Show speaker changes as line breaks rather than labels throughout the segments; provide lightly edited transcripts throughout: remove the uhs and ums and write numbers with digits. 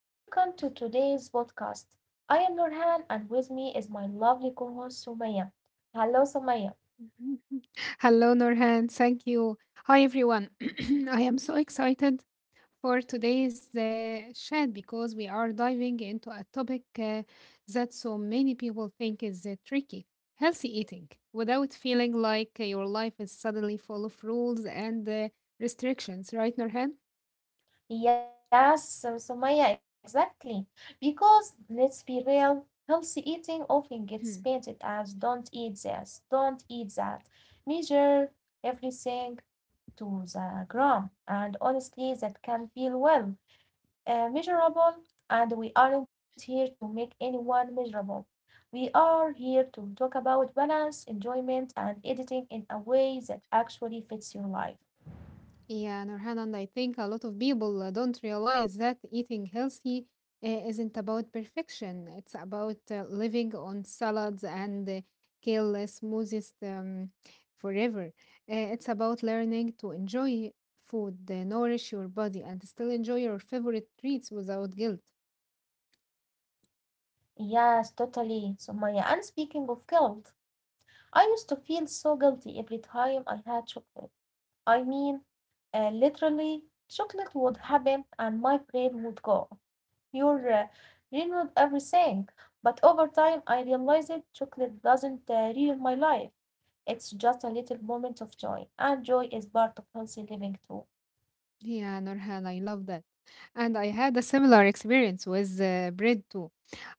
and welcome to today's podcast. I am Nurhan, and with me is my lovely co-host Sumaya. Hello, Sumaya.
Hello, Norhan. Thank you. Hi, everyone. I am so excited for today's chat because we are diving into a topic that so many people think is tricky healthy eating without feeling like your life is suddenly full of rules and restrictions, right, Norhan?
Yes, so Sumaya, exactly. Because let's be real, healthy eating often gets painted as "don't eat this, don't eat that," measure everything to the gram, and honestly, that can feel well measurable, and we aren't here to make anyone miserable. We are here to talk about balance, enjoyment, and editing in a way that actually fits your life.
Yeah, Nurhan, and I think a lot of people don't realize that eating healthy isn't about perfection. It's about living on salads and kale smoothies forever. It's about learning to enjoy food, nourish your body, and still enjoy your favorite treats without guilt.
Yes, totally. So, Maya, and speaking of guilt, I used to feel so guilty every time I had chocolate. I mean, literally, chocolate would happen and my brain would go. Your ruined everything. But over time, I realized chocolate doesn't ruin my life. It's just a little moment of joy, and joy is part of healthy living too.
Yeah, Nurhan, I love that. And I had a similar experience with bread too.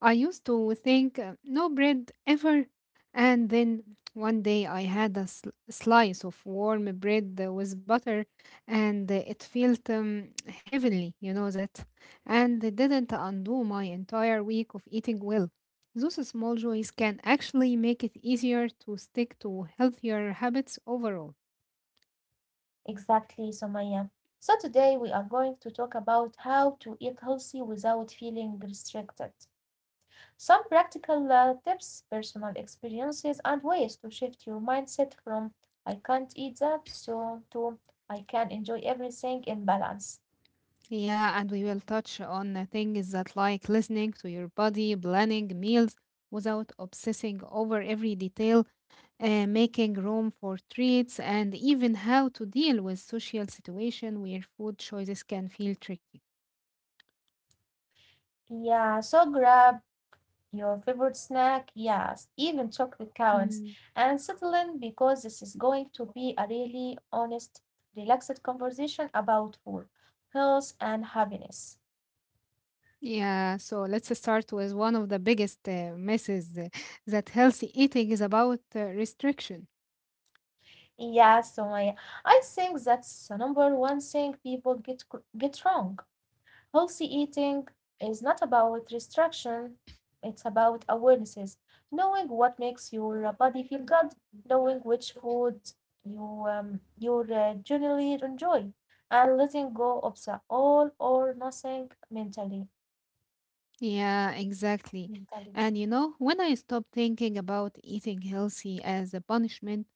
I used to think no bread ever. And then one day I had a slice of warm bread with butter and it felt heavenly, you know that. And it didn't undo my entire week of eating well. Those small joys can actually make it easier to stick to healthier habits overall.
Exactly, Somaya. So today we are going to talk about how to eat healthy without feeling restricted. Some practical tips, personal experiences, and ways to shift your mindset from "I can't eat that" so to "I can enjoy everything in balance."
Yeah, and we will touch on things that like listening to your body, planning meals without obsessing over every detail, making room for treats, and even how to deal with social situation where food choices can feel tricky.
Yeah, so grab your favorite snack. Yes, even chocolate counts.
Mm.
And settle in because this is going to be a really honest, relaxed conversation about food, health, and happiness.
Yeah, so let's start with one of the biggest myths uh, that healthy eating is about restriction.
Yeah, so I think that's the number one thing people get wrong. Healthy eating is not about restriction, it's about awarenesses, knowing what makes your body feel good, knowing which foods you generally enjoy, and letting go of the all or nothing mentally
Yeah, exactly.
mentality.
And you know, when I stopped thinking about eating healthy as a punishment,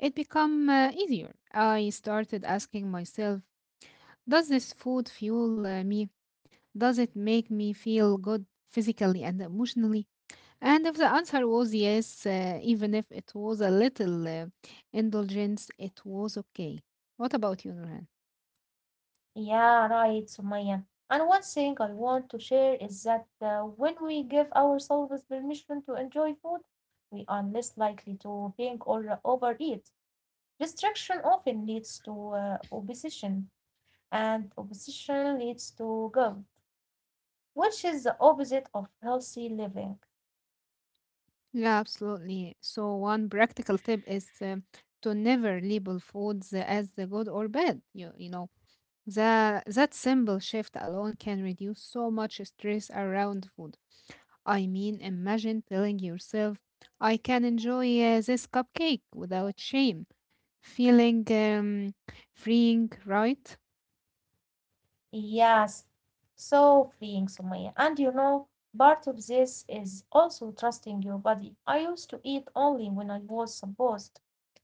it became easier. I started asking myself, does this food fuel me? Does it make me feel good physically and emotionally? And if the answer was yes, even if it was a little indulgence, it was okay. What about you, Nurhan?
Yeah, right, Sumaya. And one thing I want to share is that when we give ourselves permission to enjoy food, we are less likely to binge or overeat. Restriction often leads to opposition, and opposition leads to guilt, which is the opposite of healthy living.
Yeah, absolutely. So one practical tip is to never label foods as the good or bad. You know, that simple shift alone can reduce so much stress around food. I mean, imagine telling yourself, I can enjoy this cupcake without shame. Feeling freeing, right?
Yes, so freeing, Sumaya. And you know, part of this is also trusting your body. I used to eat only when I was supposed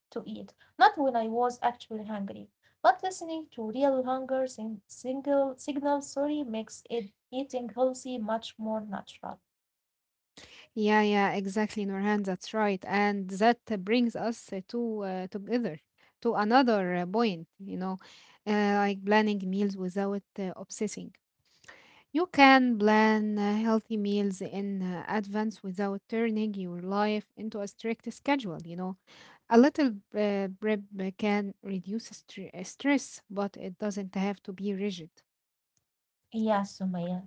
to eat, not when I was actually hungry. But listening to real single signals, sorry, makes it eating healthy much more natural.
Yeah, yeah, exactly, Norhan. That's right. And that brings us to another point, you know, like planning meals without obsessing. You can plan healthy meals in advance without turning your life into a strict schedule, you know. A little prep can reduce stress, but it doesn't have to be rigid.
Yeah, Sumaya.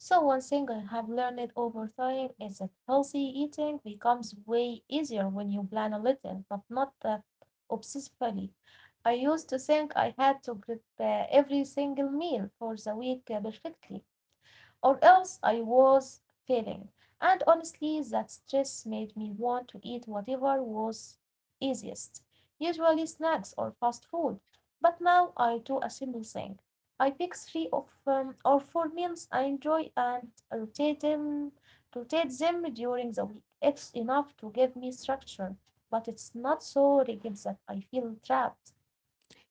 So one thing I have learned over time is that healthy eating becomes way easier when you plan a little, but not obsessively. I used to think I had to prepare every single meal for the week perfectly, or else I was failing, and honestly that stress made me want to eat whatever was easiest, usually snacks or fast food. But now I do a simple thing. I pick three of or four meals I enjoy and rotate them during the week. It's enough to give me structure, but it's not so rigid that I feel trapped.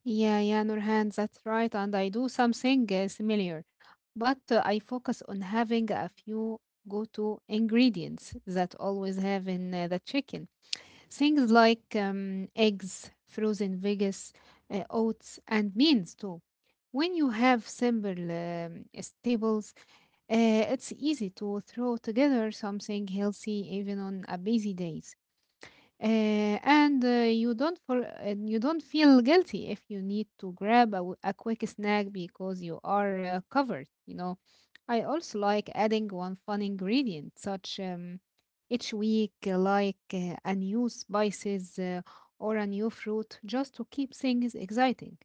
Yeah, yeah, Nurhan, that's right. And I do something similar, but I focus on having a few go-to ingredients that always have in the chicken. Things like eggs, frozen veggies, oats, and beans too. When you have simple staples, it's easy to throw together something healthy even on a busy day. And you don't feel guilty if you need to grab a, a quick snack because you are covered, you know. I also like adding one fun ingredient such each week like a new spices or a new fruit just to keep things exciting.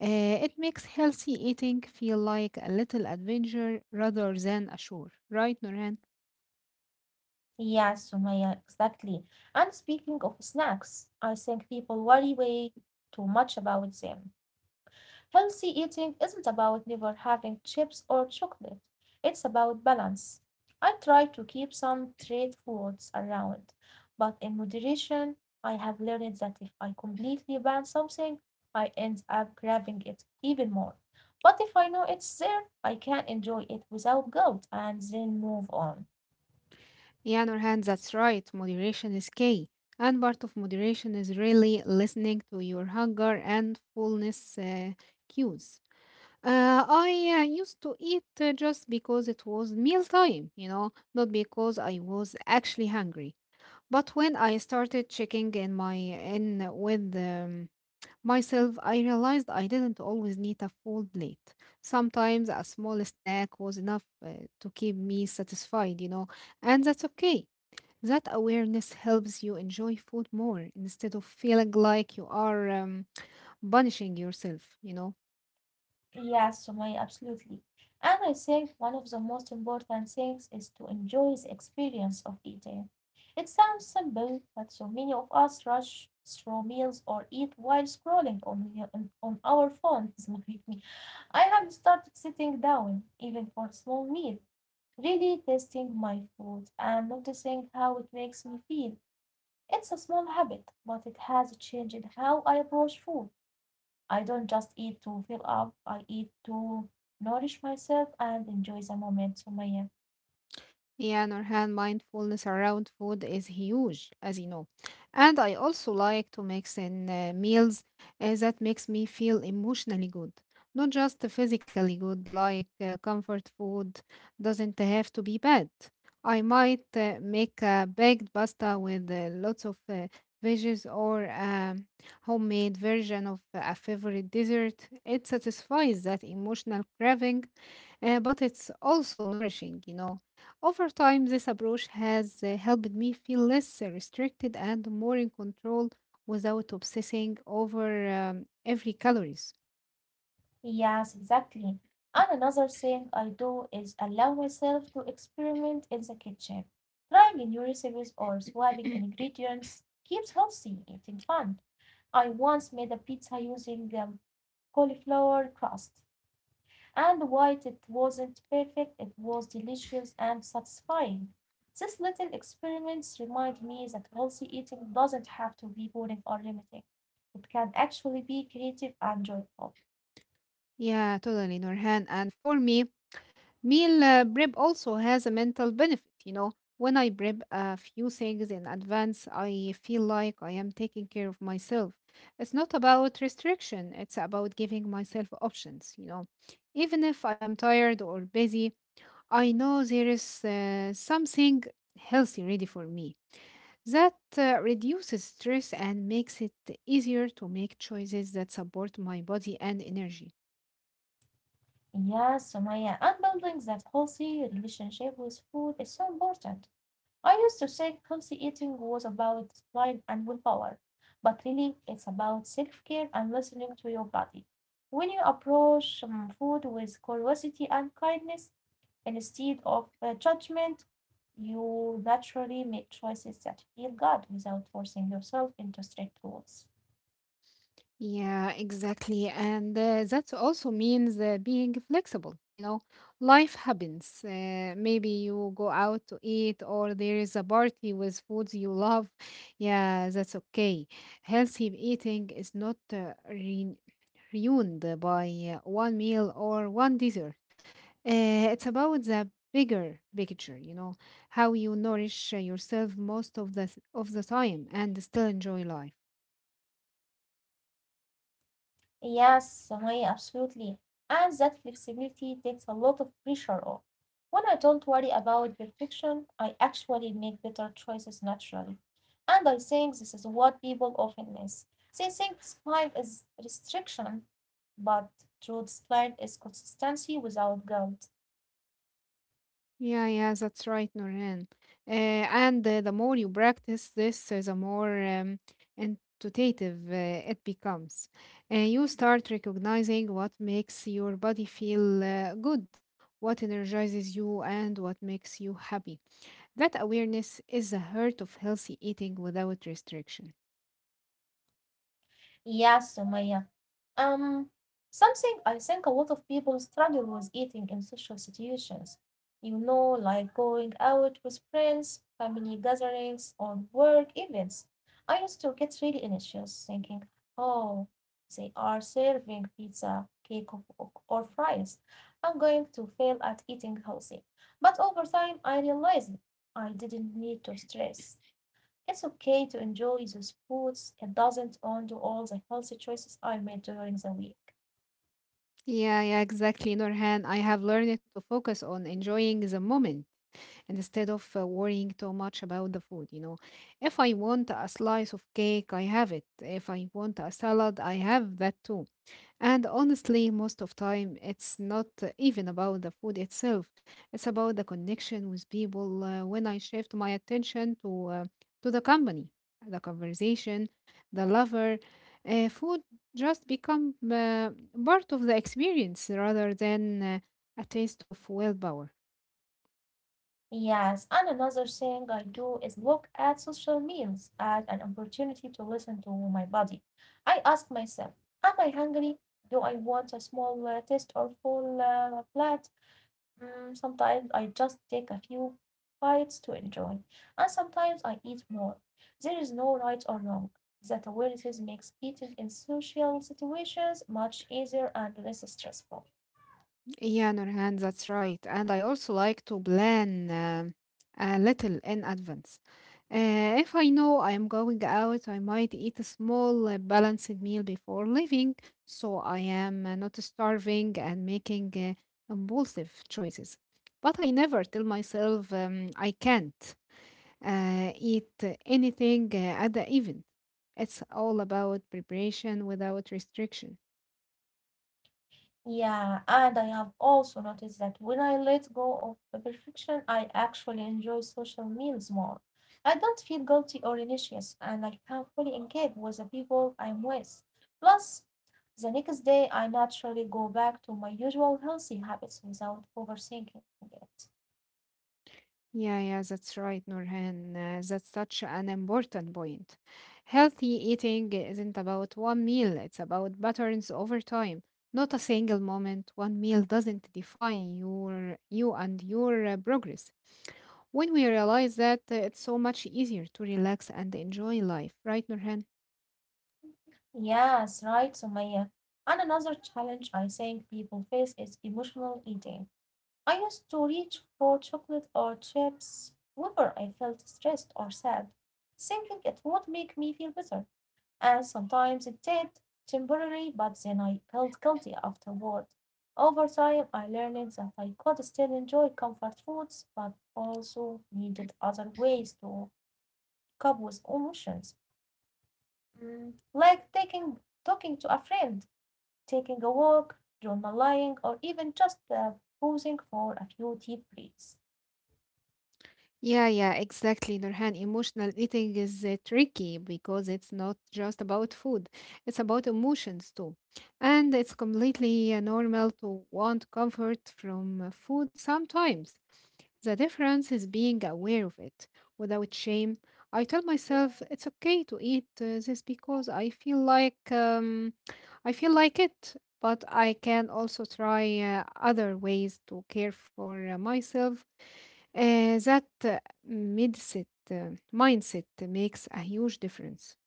Uh, it makes healthy eating feel like a little adventure rather than a chore, right, Norhan?
Yeah, Sumaya, exactly. And speaking of snacks, I think people worry way too much about them. Healthy eating isn't about never having chips or chocolate. It's about balance. I try to keep some treat foods around, but in moderation, I have learned that if I completely ban something, I end up grabbing it even more. But if I know it's there, I can enjoy it without guilt and then move on.
Yeah, Nurhan, that's right. Moderation is key. And part of moderation is really listening to your hunger and fullness cues. I used to eat just because it was mealtime, you know, not because I was actually hungry. But when I started checking in with myself, I realized I didn't always need a full plate. Sometimes a small snack was enough to keep me satisfied, you know, and that's okay. That awareness helps you enjoy food more instead of feeling like you are punishing yourself, you know?
Yes, Sumaya, absolutely. And I think one of the most important things is to enjoy the experience of eating. It sounds simple, but so many of us rush through meals or eat while scrolling on on our phones. With me, I have started sitting down, even for a small meal, really tasting my food and noticing how it makes me feel. It's a small habit, but it has changed how I approach food. I don't just eat to fill up, I eat to nourish myself and enjoy the moment, Sumaya.
Yeah, Nurhan, mindfulness around food is huge, as you know. And I also like to mix in meals that makes me feel emotionally good, not just physically good, like comfort food doesn't have to be bad. I might make a baked pasta with lots of veggies or a homemade version of a favorite dessert. It satisfies that emotional craving, but it's also nourishing, you know. Over time, this approach has helped me feel less restricted and more in control without obsessing over every calories.
Yes, exactly. And another thing I do is allow myself to experiment in the kitchen. Trying new recipes or swapping ingredients keeps healthy eating fun. I once made a pizza using cauliflower crust. And while it wasn't perfect, it was delicious and satisfying. These little experiments remind me that healthy eating doesn't have to be boring or limiting. It can actually be creative and joyful.
Yeah, totally, Norhan. And for me, meal prep also has a mental benefit. You know, when I prep a few things in advance, I feel like I am taking care of myself. It's not about restriction, it's about giving myself options, you know. Even if I am tired or busy, I know there is something healthy ready for me that reduces stress and makes it easier to make choices that support my body and energy.
Yeah, Sumaya, and building that healthy relationship with food is so important. I used to think healthy eating was about discipline and willpower, but really it's about self care and listening to your body. When you approach food with curiosity and kindness instead of judgment, you naturally make choices that feel good without forcing yourself into strict rules.
Yeah, exactly. And that also means being flexible. You know, life happens. Maybe you go out to eat or there is a party with foods you love. Yeah, that's okay. Healthy eating is not re ruined by one meal or one dessert. It's about the bigger picture, you know, how you nourish yourself most of the time and still enjoy life.
Yes, Sumaya, absolutely. And that flexibility takes a lot of pressure off. When I don't worry about perfection, I actually make better choices naturally. And I think this is what people often miss. They think discipline is restriction, but true discipline is consistency without guilt.
Yeah, yeah, that's right, Norhan. Uh, and the more you practice this, the more intuitive it becomes. You start recognizing what makes your body feel good, what energizes you, and what makes you happy. That awareness is the heart of healthy eating without restriction.
Yeah, Sumaya. Um, Something I think a lot of people struggle with eating in social situations. You know, like going out with friends, family gatherings, or work events. I used to get really anxious thinking, oh, they are serving pizza, cake, or fries. I'm going to fail at eating healthy. But over time, I realized I didn't need to stress. It's okay to enjoy those foods. It doesn't undo all the healthy choices I made during the week.
Yeah, yeah, exactly, Norhan. I have learned to focus on enjoying the moment instead of worrying too much about the food. You know, if I want a slice of cake, I have it. If I want a salad, I have that too. And honestly, most of time, it's not even about the food itself. It's about the connection with people. When I shift my attention to the company, the conversation, the lover, food just become part of the experience rather than a taste of willpower.
Yes, and another thing I do is look at social meals as an opportunity to listen to my body. I ask myself, am I hungry? Do I want a small taste or full plate? Mm, sometimes I just take a few bites to enjoy, and sometimes I eat more. There is no right or wrong. That awareness makes eating in social situations much easier and less stressful.
Yeah, Nurhan, that's right. And I also like to plan a little in advance. If I know I'm going out, I might eat a small balanced meal before leaving, so I am not starving and making impulsive choices. But I never tell myself I can't eat anything at the event. It's all about preparation without restriction.
Yeah, and I have also noticed that when I let go of the perfection, I actually enjoy social meals more. I don't feel guilty or anxious, and I can fully engage with the people I'm with. Plus, the next day, I naturally go back to my usual healthy habits without overthinking it.
Yeah, yeah, that's right, Nurhan. That's such an important point. Healthy eating isn't about one meal, it's about patterns over time. Not a single moment, one meal doesn't define you and your progress. When we realize that, it's so much easier to relax and enjoy life, right, Nurhan?
Yes, right, Sumaya. And another challenge I think people face is emotional eating. I used to reach for chocolate or chips whenever I felt stressed or sad, thinking it would make me feel better, and sometimes it did, temporarily, but then I felt guilty afterward. Over time, I learned that I could still enjoy comfort foods, but also needed other ways to cope with emotions, mm, like taking talking to a friend, taking a walk, journaling, or even just pausing for a few deep breaths.
Yeah, yeah, exactly, Nurhan. Emotional eating is tricky because it's not just about food, it's about emotions too. And it's completely normal to want comfort from food sometimes. The difference is being aware of it without shame. I tell myself it's okay to eat this because I feel like it, but I can also try other ways to care for myself uh, that uh, mindset makes a huge difference.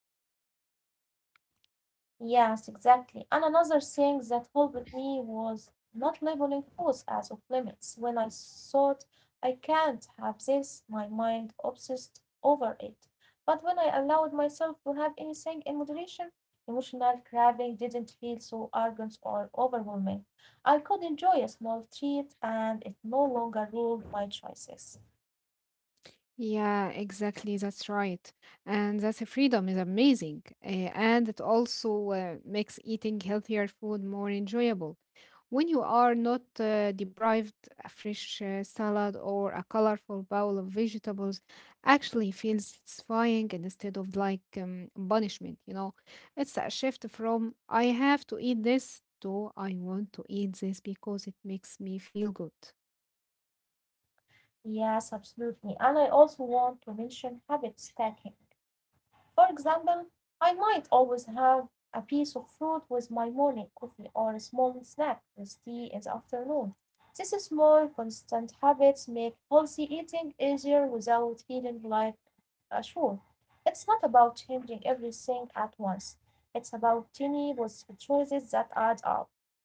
Yes, exactly. And another thing that helped me was not labeling foods as off limits. When I thought I can't have this, my mind obsessed over it. But when I allowed myself to have anything in moderation, emotional craving didn't feel so urgent or overwhelming. I could enjoy a small treat and it no longer ruled my choices.
Yeah, exactly. That's right. And that freedom is amazing. And it also makes eating healthier food more enjoyable. When you are not deprived, a fresh salad or a colorful bowl of vegetables actually feels satisfying instead of like punishment, you know. It's a shift from I have to eat this to I want to eat this because it makes me feel good.
Yes, absolutely. And I also want to mention habit stacking. For example, I might always have a piece of fruit with my morning coffee or a small snack with tea in the afternoon. These small, constant habits make healthy eating easier without feeling like a chore. It's not about changing everything at once. It's about tiny, positive choices that add up.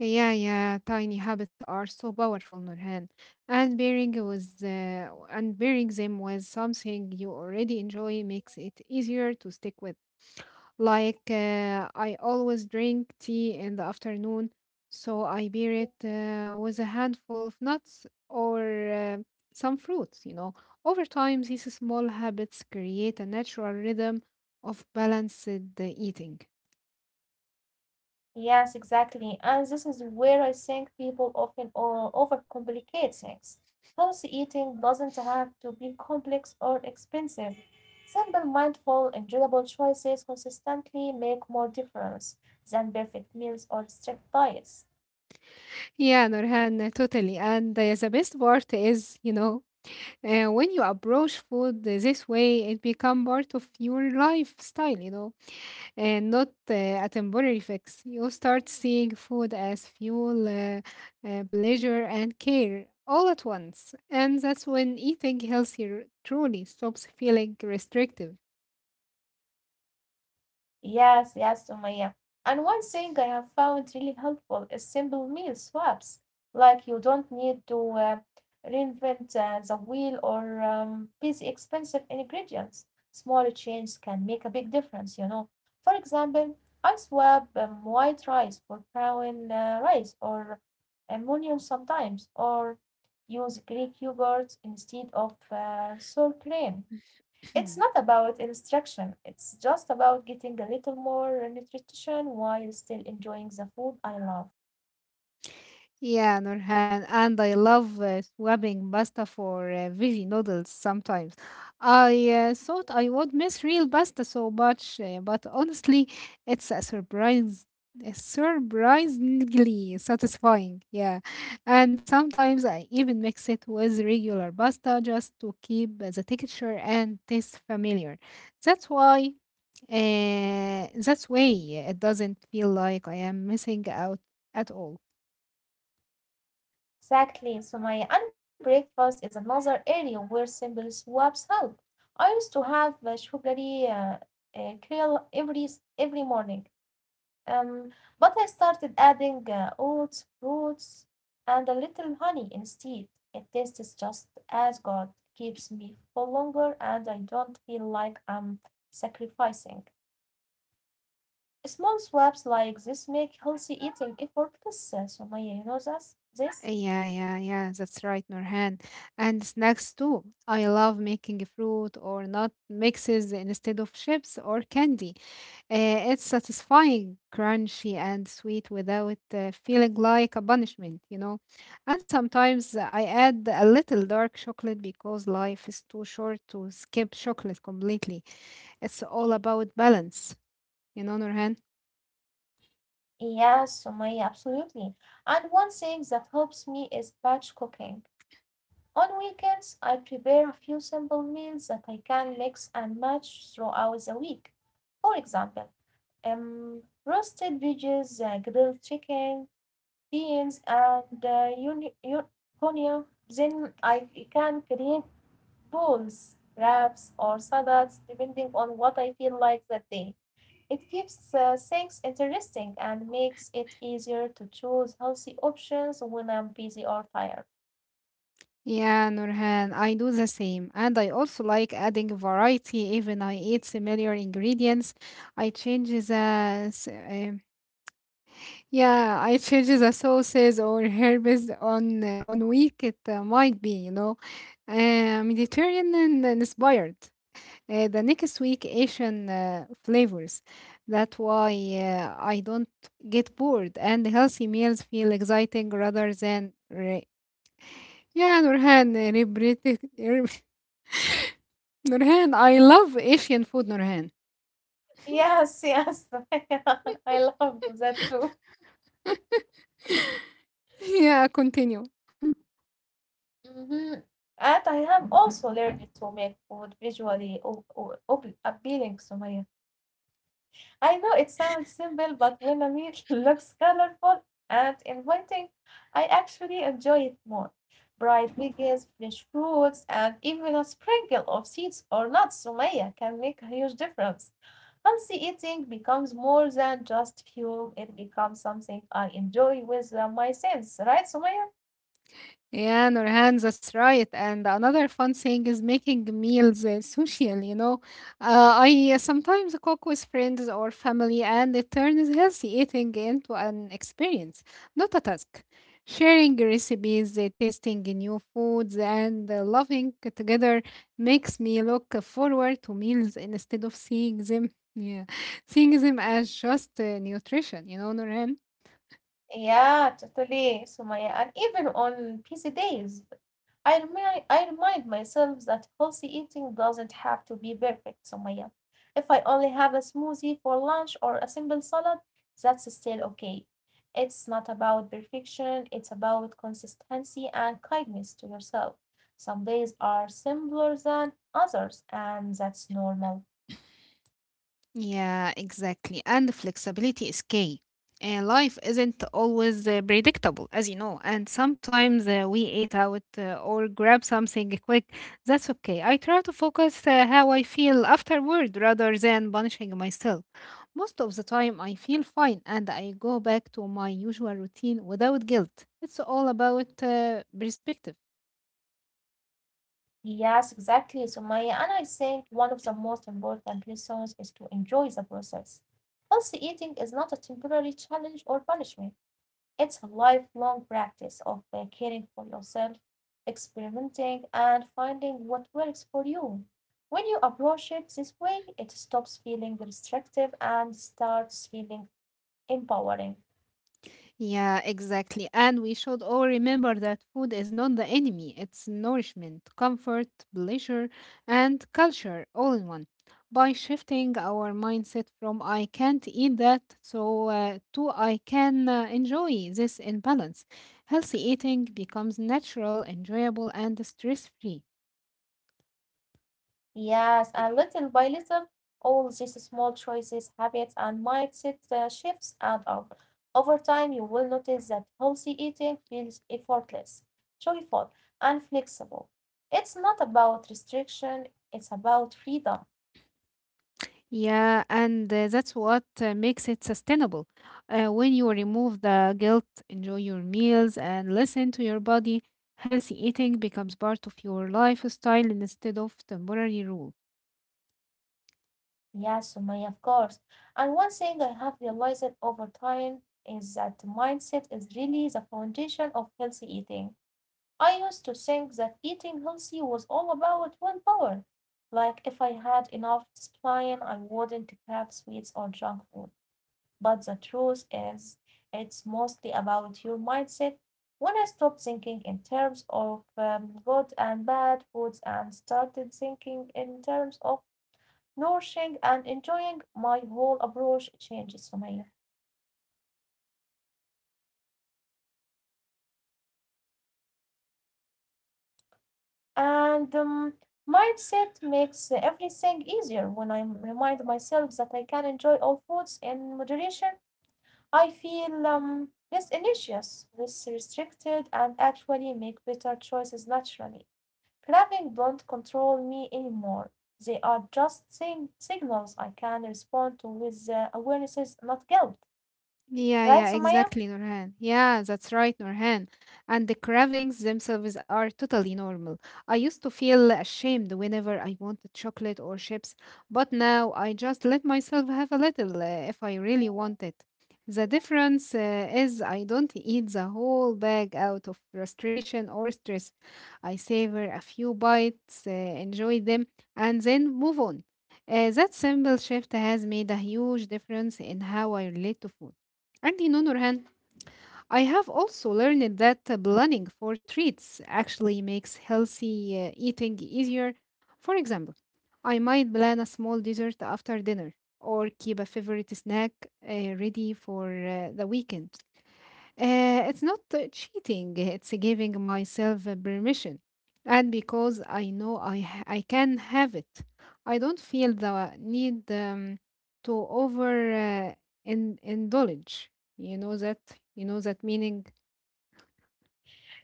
Yeah, yeah, tiny habits are so powerful, Nurhan. And pairing them with something you already enjoy makes it easier to stick with. Like I always drink tea in the afternoon, so I pair it with a handful of nuts or uh, some fruits, you know. Over time, these small habits create a natural rhythm of balanced eating.
Yes, exactly. And this is where I think people often overcomplicate things. Healthy eating doesn't have to be complex or expensive. Simple, mindful, enjoyable choices consistently make more difference than perfect meals or strict diets.
Yeah, Nurhan, totally. And the best part is, you know, when you approach food this way, it become part of your lifestyle, you know, and not a temporary fix. You start seeing food as fuel, pleasure, and care all at once, and that's when eating healthier truly stops feeling restrictive.
Yes, yes, Sumaya. And one thing I have found really helpful is simple meal swaps. Like you don't need to reinvent the wheel or busy expensive ingredients. Small changes can make a big difference, you know. For example, I swap white rice for brown rice or ammonium sometimes, or use Greek yogurt instead of sour cream. It's not about instruction, it's just about getting a little more nutrition while still enjoying the food I love.
Yeah, Nurhan, and I love swapping pasta for veggie noodles sometimes. I thought I would miss real pasta so much, but honestly, it's a surprise, a surprisingly satisfying. Yeah, and sometimes I even mix it with regular pasta just to keep the texture and taste familiar. That's why, that's way it doesn't feel like I am missing out at all.
Exactly. So my unbreakfast is another area where simple swaps help. I used to have a sugary kale every every morning, um, but I started adding oats, fruits, and a little honey instead. It tastes just as good, keeps me full longer, and I don't feel like I'm sacrificing. Small swaps like this make healthy eating effortless, Sumaya. You know this?
Yeah, yeah, yeah, that's right, Nurhan. And snacks too. I love making fruit or nut mixes instead of chips or candy. It's satisfying, crunchy, and sweet without feeling like a punishment, you know. And sometimes I add a little dark chocolate because life is too short to skip chocolate completely. It's all about balance, you know, Nurhan.
Yes, Sumaya, absolutely. And one thing that helps me is batch cooking. On weekends, I prepare a few simple meals that I can mix and match throughout the week. For example, roasted veggies, grilled chicken, beans, and Konya, then I can create bowls, wraps, or salads, depending on what I feel like that day. It keeps things interesting and makes it easier to choose healthy options when I'm busy or tired.
Yeah, Nurhan, I do the same. And I also like adding variety. Even I eat similar ingredients. I change the yeah, I change the sauces or herbs on week it might be, you know, Mediterranean and inspired. The next week Asian flavors. That why I don't get bored and healthy meals feel exciting rather than yeah, Nurhan, repeating. Nurhan, I love Asian food, Nurhan.
Yes, yes, I love that too.
Yeah, continue.
hmm And I have also learned to make food visually appealing to my. I know it sounds simple, but when a meal looks colorful and inviting, I actually enjoy it more. Bright veggies, fresh fruits, and even a sprinkle of seeds or nuts, Sumaya, can make a huge difference. Healthy eating becomes more than just fuel, it becomes something I enjoy with my sense, right, Sumaya?
Yeah, Nurhan, that's right. And another fun thing is making meals social, you know. I sometimes cook with friends or family, and it turns healthy eating into an experience, not a task. Sharing recipes, tasting new foods, and loving together makes me look forward to meals instead of seeing them, yeah, seeing them as just nutrition, you know, Nurhan.
Yeah, totally, Sumaya, and even on busy days. I remind myself that healthy eating doesn't have to be perfect, Sumaya. If I only have a smoothie for lunch or a simple salad, that's still okay. It's not about perfection, it's about consistency and kindness to yourself. Some days are simpler than others, and that's normal.
Yeah, exactly. And the flexibility is key. Life isn't always predictable, as you know, and sometimes we eat out or grab something quick. That's okay. I try to focus how I feel afterward rather than punishing myself. Most of the time, I feel fine and I go back to my usual routine without guilt. It's all about perspective.
Yes, exactly, Sumaya. And I think one of the most important lessons is to enjoy the process. Healthy eating is not a temporary challenge or punishment. It's a lifelong practice of caring for yourself, experimenting, and finding what works for you. When you approach it this way, it stops feeling restrictive and starts feeling empowering.
Yeah, exactly. And we should all remember that food is not the enemy, it's nourishment, comfort, pleasure, and culture all in one. By shifting our mindset from I can't eat that so to I can enjoy this in balance, healthy eating becomes natural, enjoyable, and stress free.
Yes, and little by little, all these small choices, habits, and mindset shifts add up. Over time, you will notice that healthy eating feels effortless, joyful, and flexible. It's not about restriction, it's about freedom.
Yeah, and that's what makes it sustainable. When you remove the guilt, enjoy your meals, and listen to your body, healthy eating becomes part of your lifestyle instead of temporary rule.
Yeah, Sumaya, of course. And one thing I have realized over time is that mindset is really the foundation of healthy eating. I used to think that eating healthy was all about willpower. Like if I had enough discipline, I wouldn't crave sweets or junk food. But the truth is, it's mostly about your mindset. When I stopped thinking in terms of good and bad foods and started thinking in terms of nourishing and enjoying my whole approach changes Sumaya. And mindset makes everything easier when I remind myself that I can enjoy all foods in moderation. I feel less anxious, less restricted, and actually make better choices naturally. Craving don't control me anymore. They are just signals I can respond to with awarenesses, not guilt.
Yeah,
Right,
yeah,
Sumaya?
exactly, Nurhan. Yeah, that's right, Nurhan. And the cravings themselves are totally normal. I used to feel ashamed whenever I wanted chocolate or chips, but now I just let myself have a little if I really want it. The difference is I don't eat the whole bag out of frustration or stress. I savor a few bites, enjoy them, and then move on. That simple shift has made a huge difference in how I relate to food. And in other hand, I have also learned that planning for treats actually makes healthy eating easier. For example, I might plan a small dessert after dinner or keep a favorite snack uh, ready for the weekend. It's not cheating, it's giving myself permission. And because I know I can have it, I don't feel the need to over indulge. You know that? You know that meaning?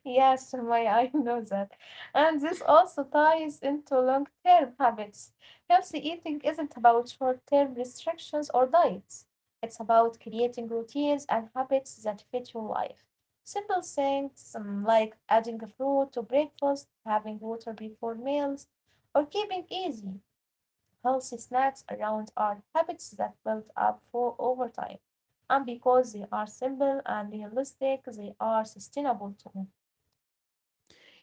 Yes, my I know that. And this also ties into long-term habits. Healthy eating isn't about short-term restrictions or diets. It's about creating routines and habits that fit your life. Simple things like adding a fruit to breakfast, having water before meals, or keeping easy, healthy snacks around are habits that build up for over time. And because they are simple and realistic, they are sustainable too.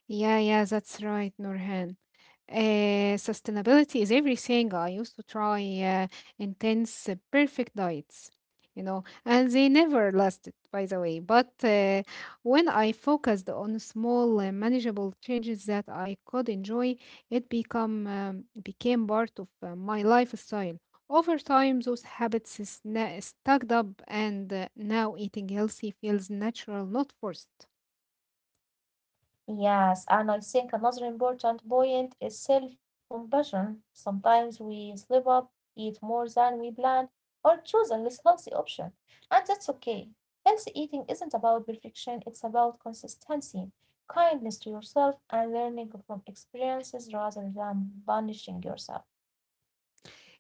Yeah, yeah, that's right, Nurhan. Sustainability is everything. I used to try intense, perfect diets, you know, and they never lasted, by the way. But when I focused on small, manageable changes that I could enjoy, it become became part of my lifestyle. Over time, those habits stacked up, and now eating healthy feels natural, not forced.
Yes, and I think another important point is self-compassion. Sometimes we slip up, eat more than we planned, or choose a less healthy option, and that's okay. Healthy eating isn't about perfection, it's about consistency, kindness to yourself, and learning from experiences rather than punishing yourself.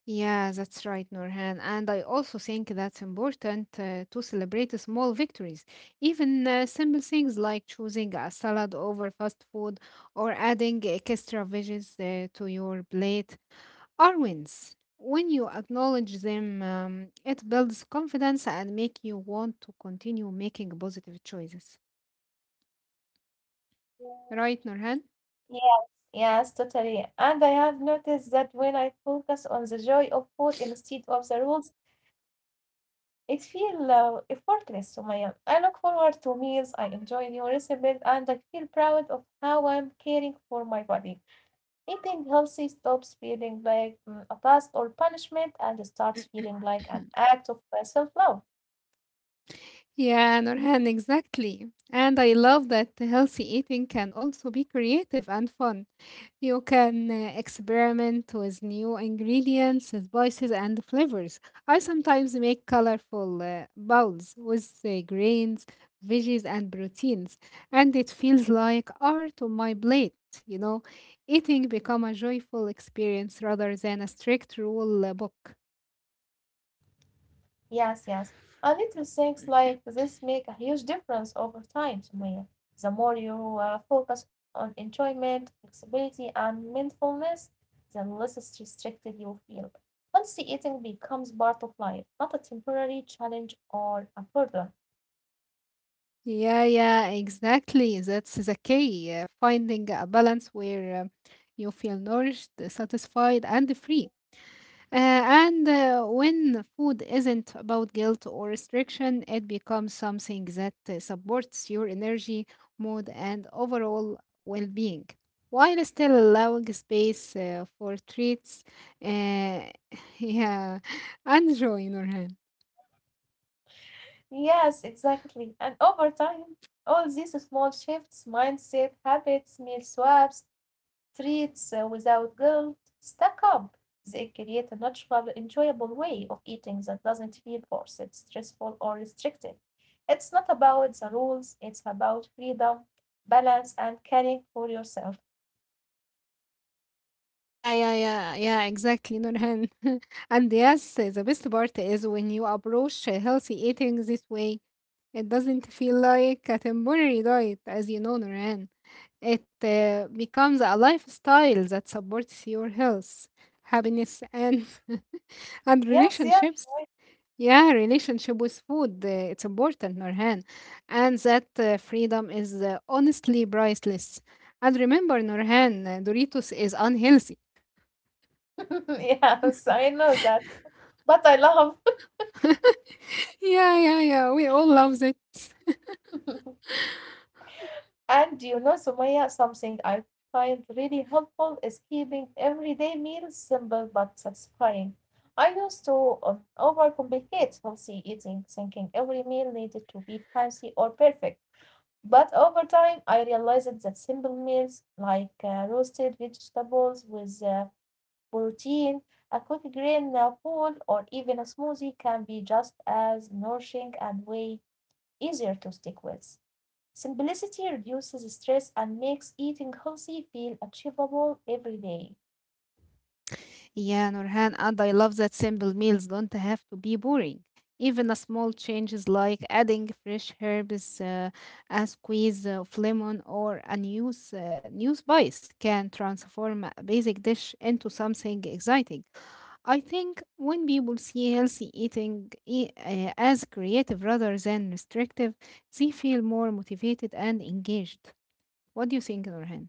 Yeah, that's right, Nurhan. And I also think that's important to celebrate small victories, even simple things like choosing a salad over fast food or adding extra veggies to your plate are wins. When you acknowledge them, it builds confidence and make you want to continue making positive choices. Right, Nurhan?
Yeah. Yes, totally. And I have noticed that when I focus on the joy of food instead of the rules, it feel effortless, Sumaya. I look forward to meals, I enjoy new recipes, and I feel proud of how I'm caring for my body. Eating healthy stops feeling like a task or punishment and starts feeling like an act of self love.
Yeah, Nurhan, exactly. And I love that healthy eating can also be creative and fun. You can experiment with new ingredients, spices, and flavors. I sometimes make colorful bowls with grains, veggies, and proteins, and it feels like art on my plate. You know, eating become a joyful experience rather than a strict rule book.
Yes, yes. And little things like this make a huge difference over time, Sumaya. The more you focus on enjoyment, flexibility, and mindfulness, the less restricted you feel. Healthy eating becomes part of life, not a temporary challenge or a burden.
Yeah, yeah, exactly. That's the key. Finding a balance where you feel nourished, satisfied, and free. And when food isn't about guilt or restriction, it becomes something that supports your energy, mood, and overall well being, while still allowing space for treats. Uh, yeah, and joy, Nurhan.
Yes, exactly. And over time, all these small shifts, mindset, habits, meal swaps, treats without guilt stack up. They create a natural, enjoyable way of eating that doesn't feel forced, stressful, or restricted. It's not about the rules, it's about freedom, balance, and caring for yourself.
Yeah, exactly, Nurhan. And yes, the best part is when you approach healthy eating this way, it doesn't feel like a temporary diet, as you know, Nurhan. It becomes a lifestyle that supports your health, happiness, and and
Yes, yeah,
relationships. Yeah, relationship with food, it's important, Nurhan. And that freedom is honestly priceless. And remember, Nurhan, Doritos is unhealthy.
yes, I know that. But I love.
Yeah, yeah, yeah. We all love it.
And do you know, Sumaya, something I find really helpful is keeping everyday meals simple but satisfying. I used to overcomplicate healthy eating, thinking every meal needed to be fancy or perfect. But over time, I realized that simple meals like roasted vegetables with protein, a quick green bowl, or even a smoothie can be just as nourishing and way easier to stick with. Simplicity reduces stress and makes eating healthy feel achievable every day.
Yeah, Nurhan, and I love that simple meals don't have to be boring. Even a small changes like adding fresh herbs, a squeeze of lemon, or a new spice can transform a basic dish into something exciting. I think when people see healthy eating as creative rather than restrictive, they feel more motivated and engaged. What do you think, Nurhan?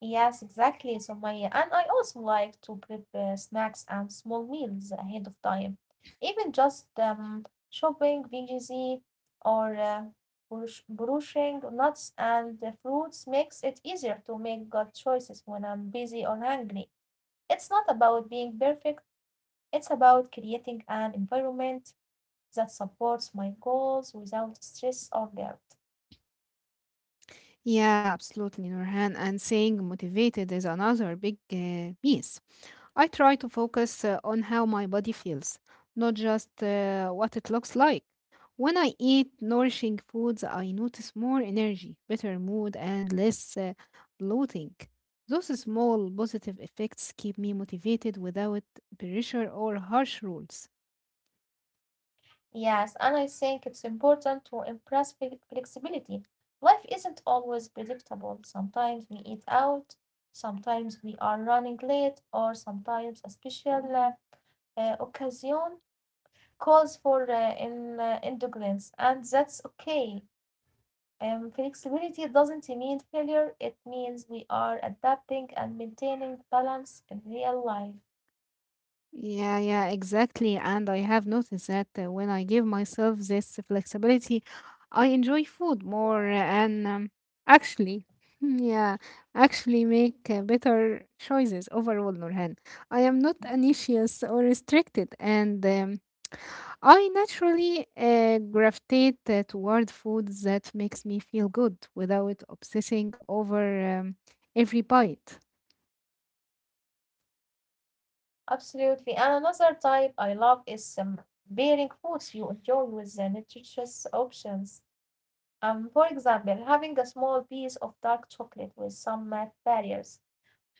Yes, exactly, Sumaya. And I also like to prepare snacks and small meals ahead of time. Even just shopping veggies or brushing nuts and the fruits makes it easier to make good choices when I'm busy or hungry. It's not about being perfect, it's about creating an environment that supports my goals without stress or guilt.
Yeah, absolutely, Nurhan. And staying motivated is another big piece. I try to focus on how my body feels, not just what it looks like. When I eat nourishing foods, I notice more energy, better mood, and less bloating. Those small positive effects keep me motivated without pressure or harsh rules.
Yes, and I think it's important to impress flexibility. Life isn't always predictable. Sometimes we eat out, sometimes we are running late, or sometimes a special occasion calls for indulgence, and that's okay. Flexibility doesn't mean failure, it means we are adapting and maintaining balance in real life.
Yeah, yeah, exactly. And I have noticed that when I give myself this flexibility, I enjoy food more and actually, yeah, actually make better choices overall, Nurhan. I am not anxious or restricted, and I naturally gravitate toward foods that makes me feel good without obsessing over every bite.
Absolutely. And another type I love is pairing foods you enjoy with the nutritious options. For example, having a small piece of dark chocolate with some nut barriers,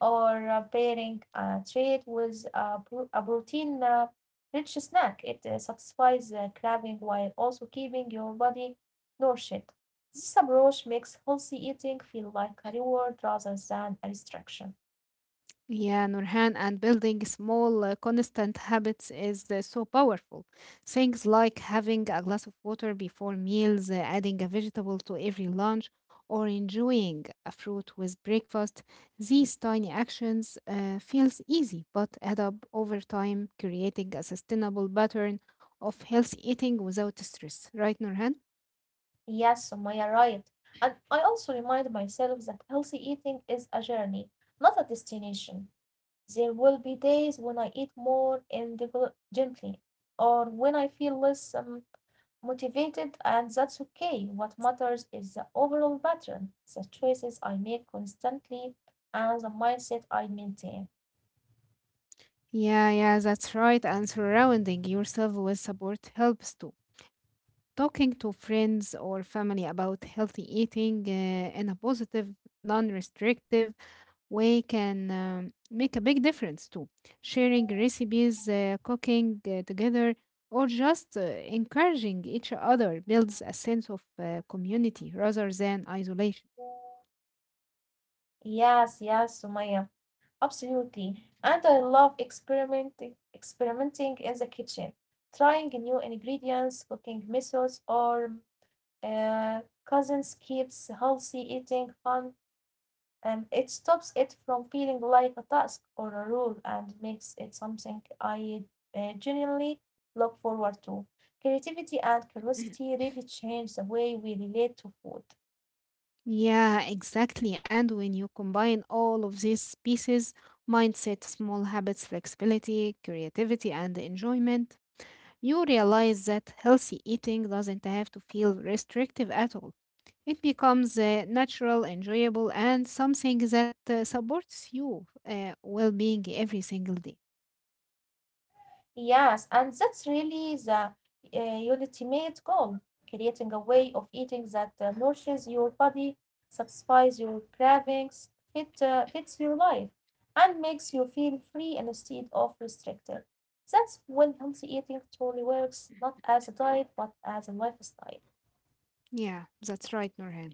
or pairing a treat with a protein rich snack. It satisfies the craving while also keeping your body nourished. This approach makes healthy eating feel like a reward rather than a restriction.
Yeah, Nurhan, and building small, constant habits is so powerful. Things like having a glass of water before meals, adding a vegetable to every lunch, or enjoying a fruit with breakfast. These tiny actions feels easy, but add up over time, creating a sustainable pattern of healthy eating without stress. Right, Nurhan?
Yes, Sumaya, right. And I also remind myself that healthy eating is a journey, not a destination. There will be days when I eat more indulgently, or when I feel less motivated, and that's okay. What matters is the overall pattern, the choices I make constantly, and the mindset I maintain.
Yeah, yeah, that's right. And surrounding yourself with support helps too. Talking to friends or family about healthy eating in a positive, non restrictive way can make a big difference too. Sharing recipes, cooking together, or just encouraging each other builds a sense of community rather than isolation.
Yes, yes, Sumaya. Absolutely. And I love experimenting in the kitchen, trying new ingredients, cooking methods, or uh, cousins keeps healthy eating fun, and it stops it from feeling like a task or a rule and makes it something I genuinely look forward to. Creativity and curiosity really change the way we relate to food.
Yeah, exactly. And when you combine all of these pieces, mindset, small habits, flexibility, creativity, and enjoyment, you realize that healthy eating doesn't have to feel restrictive at all. It becomes natural, enjoyable, and something that supports you well-being every single day.
Yes, and that's really the uh, ultimate goal, creating a way of eating that nourishes your body, satisfies your cravings, fits your life, and makes you feel free instead of restricted. That's when healthy eating truly works, not as a diet, but as a lifestyle.
Yeah, that's right, Nurhan.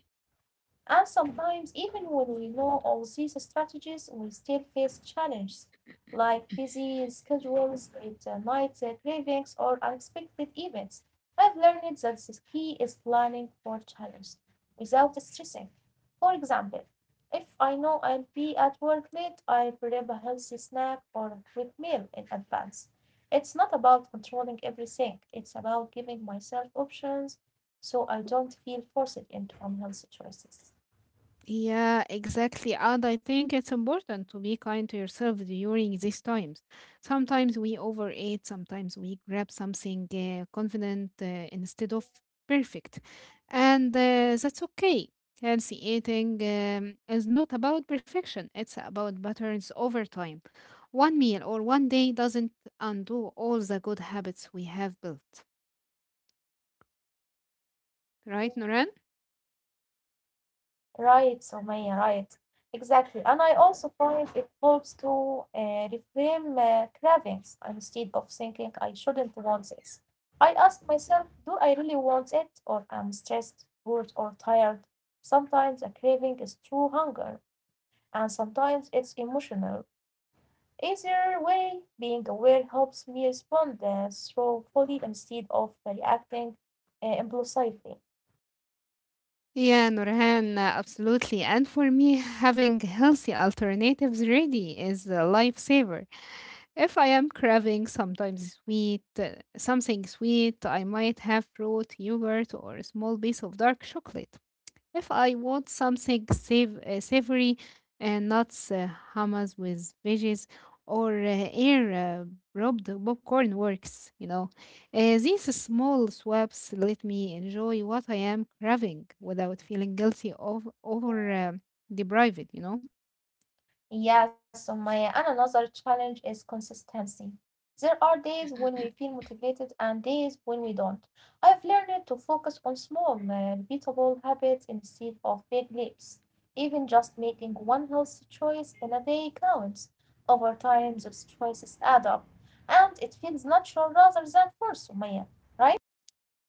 And sometimes, even when we know all these strategies, we still face challenges like busy schedules, late night cravings, or unexpected events. I've learned that the key is planning for challenges without stressing. For example, if I know I'll be at work late, I prep a healthy snack or a quick meal in advance. It's not about controlling everything, it's about giving myself options so I don't feel forced into unhealthy choices.
Yeah, exactly. And I think it's important to be kind to yourself during these times. Sometimes we overeat, sometimes we grab something confident instead of perfect. And that's okay. Healthy eating is not about perfection, it's about patterns over time. One meal or one day doesn't undo all the good habits we have built. Right, Noran?
Right, Sumaya, right. Exactly. And I also find it helps to reframe cravings instead of thinking I shouldn't want this. I ask myself, do I really want it, or I'm stressed, bored, or tired? Sometimes a craving is true hunger, and sometimes it's emotional. Either way, being aware helps me respond thoughtfully instead of reacting impulsively.
Yeah, Nurhan, absolutely. And for me, having healthy alternatives ready is a lifesaver. If I am craving sometimes sweet, something sweet, I might have fruit, yogurt, or a small piece of dark chocolate. If I want something savory, nuts, hummus with veggies, or air rubbed popcorn works, you know. These small swaps let me enjoy what I am craving without feeling guilty of over deprived, you know.
Yes, Sumaya, and another challenge is consistency. There are days when we feel motivated and days when we don't. I've learned to focus on small, repeatable habits instead of big leaps. Even just making one healthy choice in a day counts. Over time, those choices add up, and it feels natural rather than forced, Sumaya, right?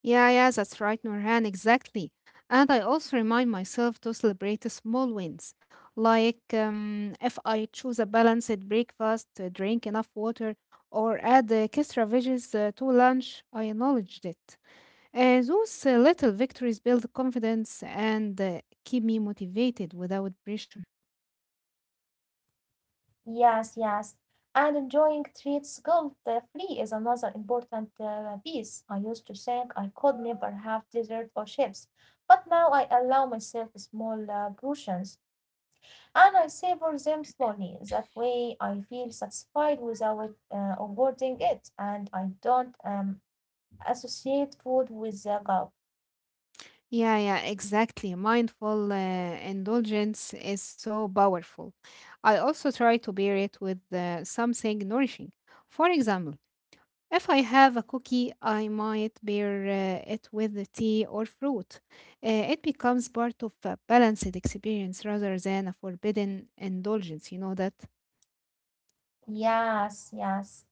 Yeah, yeah, that's right, Norhan, exactly. And I also remind myself to celebrate the small wins. Like if I choose a balanced breakfast, drink enough water, or add extra veggies to lunch, I acknowledged it. Those little victories build confidence and keep me motivated without pressure.
Yes, yes. And enjoying treats guilt-free is another important piece. I used to think I could never have dessert or chips, but now I allow myself small portions and I savor them slowly. That way, I feel satisfied without overdoing it, and I don't associate food with guilt.
Yeah, yeah, exactly. Mindful indulgence is so powerful. I also try to pair it with something nourishing. For example, if I have a cookie, I might pair it with the tea or fruit. It becomes part of a balanced experience rather than a forbidden indulgence. You know that?
Yes, yes.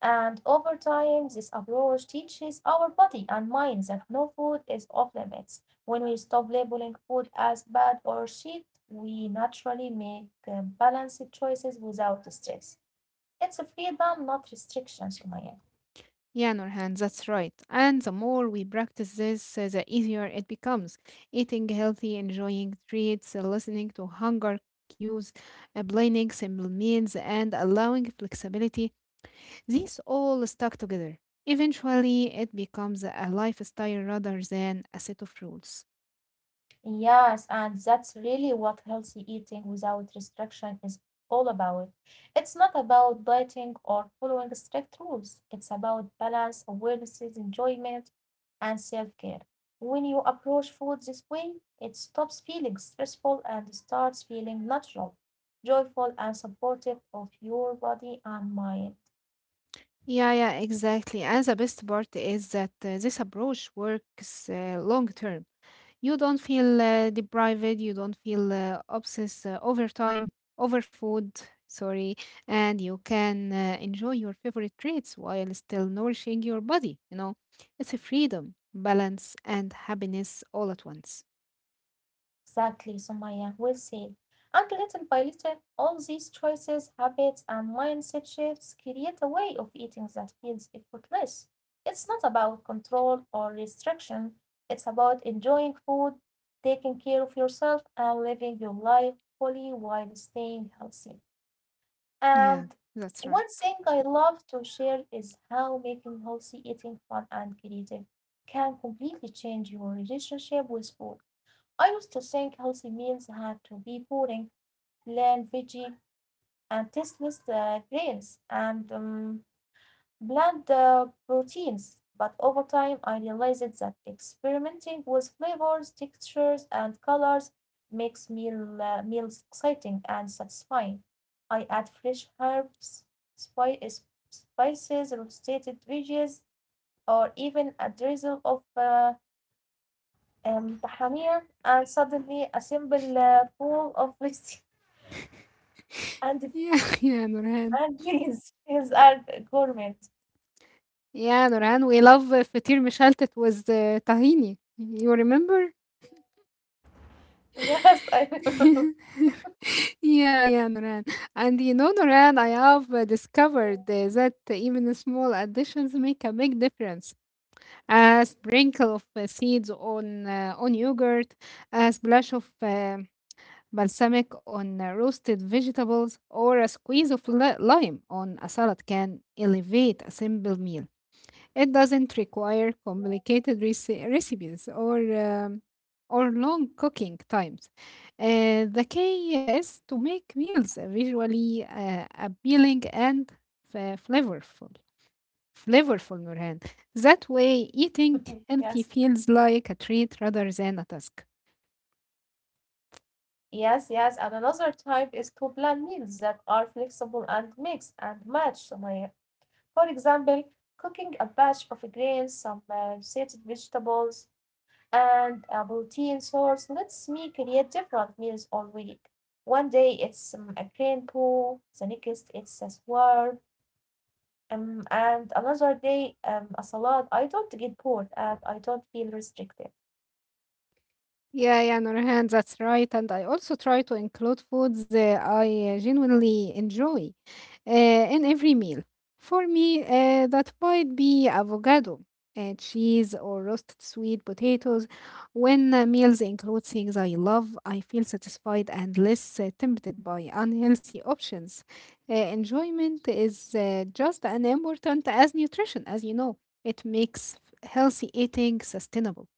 And over time, this approach teaches our body and mind that no food is off limits. When we stop labeling food as bad or shit, we naturally make balanced choices without stress. It's a freedom, not restriction, Sumaya.
Yeah, Nurhan, that's right. And the more we practice this, the easier it becomes. Eating healthy, enjoying treats, listening to hunger cues, planning simple meals, and allowing flexibility, these all stuck together. Eventually, it becomes a lifestyle rather than a set of rules.
Yes, and that's really what healthy eating without restriction is all about. It's not about dieting or following strict rules. It's about balance, awareness, enjoyment, and self care. When you approach food this way, it stops feeling stressful and starts feeling natural, joyful, and supportive of your body and mind.
Yeah, yeah, exactly. And the best part is that this approach works long term. You don't feel deprived, you don't feel obsessed over time, over food, sorry, and you can enjoy your favorite treats while still nourishing your body. You know, it's a freedom, balance, and happiness all at once.
Exactly, Sumaya will say. And little by little, all these choices, habits, and mindset shifts create a way of eating that feels effortless. It's not about control or restriction, it's about enjoying food, taking care of yourself, and living your life fully while staying healthy. And
Yeah, that's
one
right.
thing I love to share is how making healthy eating fun and creative can completely change your relationship with food. I used to think healthy meals had to be boring, plain veggie, and tasteless grains, and bland proteins, but over time I realized that experimenting with flavors, textures, and colors makes meals exciting and satisfying. I add fresh herbs, spice, spices, roasted veggies, or even a drizzle of tahrir, and suddenly a simple bowl of rice and
Yeah, yeah, Nurhan.
and beans. These are gourmet.
Yeah, Nurhan, we love fatir mishaltat with tahini. You remember?
Yes, I
Yeah, yeah, Noran. And you know, Noran, I have discovered that even small additions make a big difference. A sprinkle of seeds on yogurt, a splash of balsamic on roasted vegetables, or a squeeze of lime on a salad can elevate a simple meal. It doesn't require complicated recipes or or long cooking times. The key is to make meals visually appealing and flavorful. Flavorful, Nurhan. That way, eating healthy
yes.
feels like a treat rather than a task.
Yes, yes. And another type is to plan meals that are flexible and mix and match, Sumaya. For example, cooking a batch of grains, some rotated vegetables, and a protein source lets me create different meals all week. One day it's a grain pool, the next it's a swirl, and another day a salad. I don't get bored and I don't feel restricted.
Yeah, yeah, Nurhan, that's right. And I also try to include foods I genuinely enjoy in every meal. For me, that might be avocado, cheese, or roasted sweet potatoes. When meals include things I love, I feel satisfied and less tempted by unhealthy options. Enjoyment is just as important as nutrition, as you know. It makes healthy eating sustainable.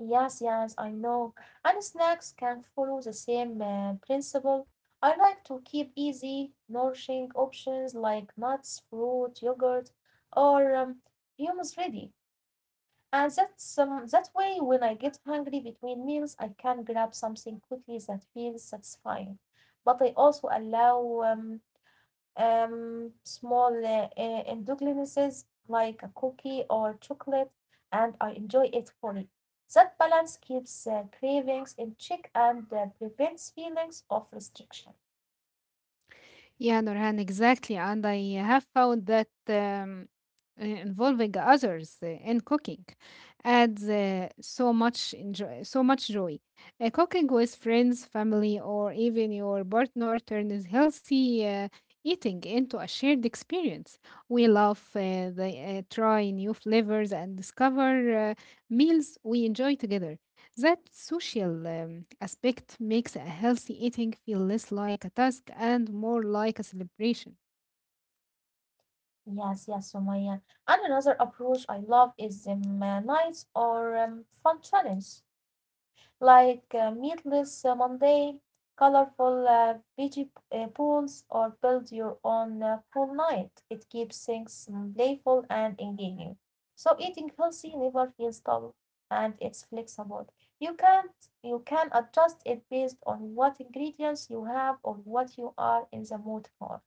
Yes, yes, I know. And snacks can follow the same principle. I like to keep easy, nourishing options like nuts, fruit, yogurt, or hummus ready. And that's that way, when I get hungry between meals, I can grab something quickly that feels satisfying. But I also allow small endogenesis like a cookie or chocolate, and I enjoy it fully. That balance keeps cravings in check and prevents feelings of restriction.
Yeah, Nurhan, exactly. And I have found that involving others in cooking adds so much joy. Cooking with friends, family, or even your partner turns healthy eating into a shared experience. We love try new flavors and discover meals we enjoy together. That social aspect makes a healthy eating feel less like a task and more like a celebration.
Yes, yes, Sumaya. And another approach I love is nights or fun challenge, like meatless Monday, colorful veggie pools, or build your own pool night. It keeps things playful and engaging. So eating healthy never feels dull, and it's flexible. You can you can adjust it based on what ingredients you have or what you are in the mood for.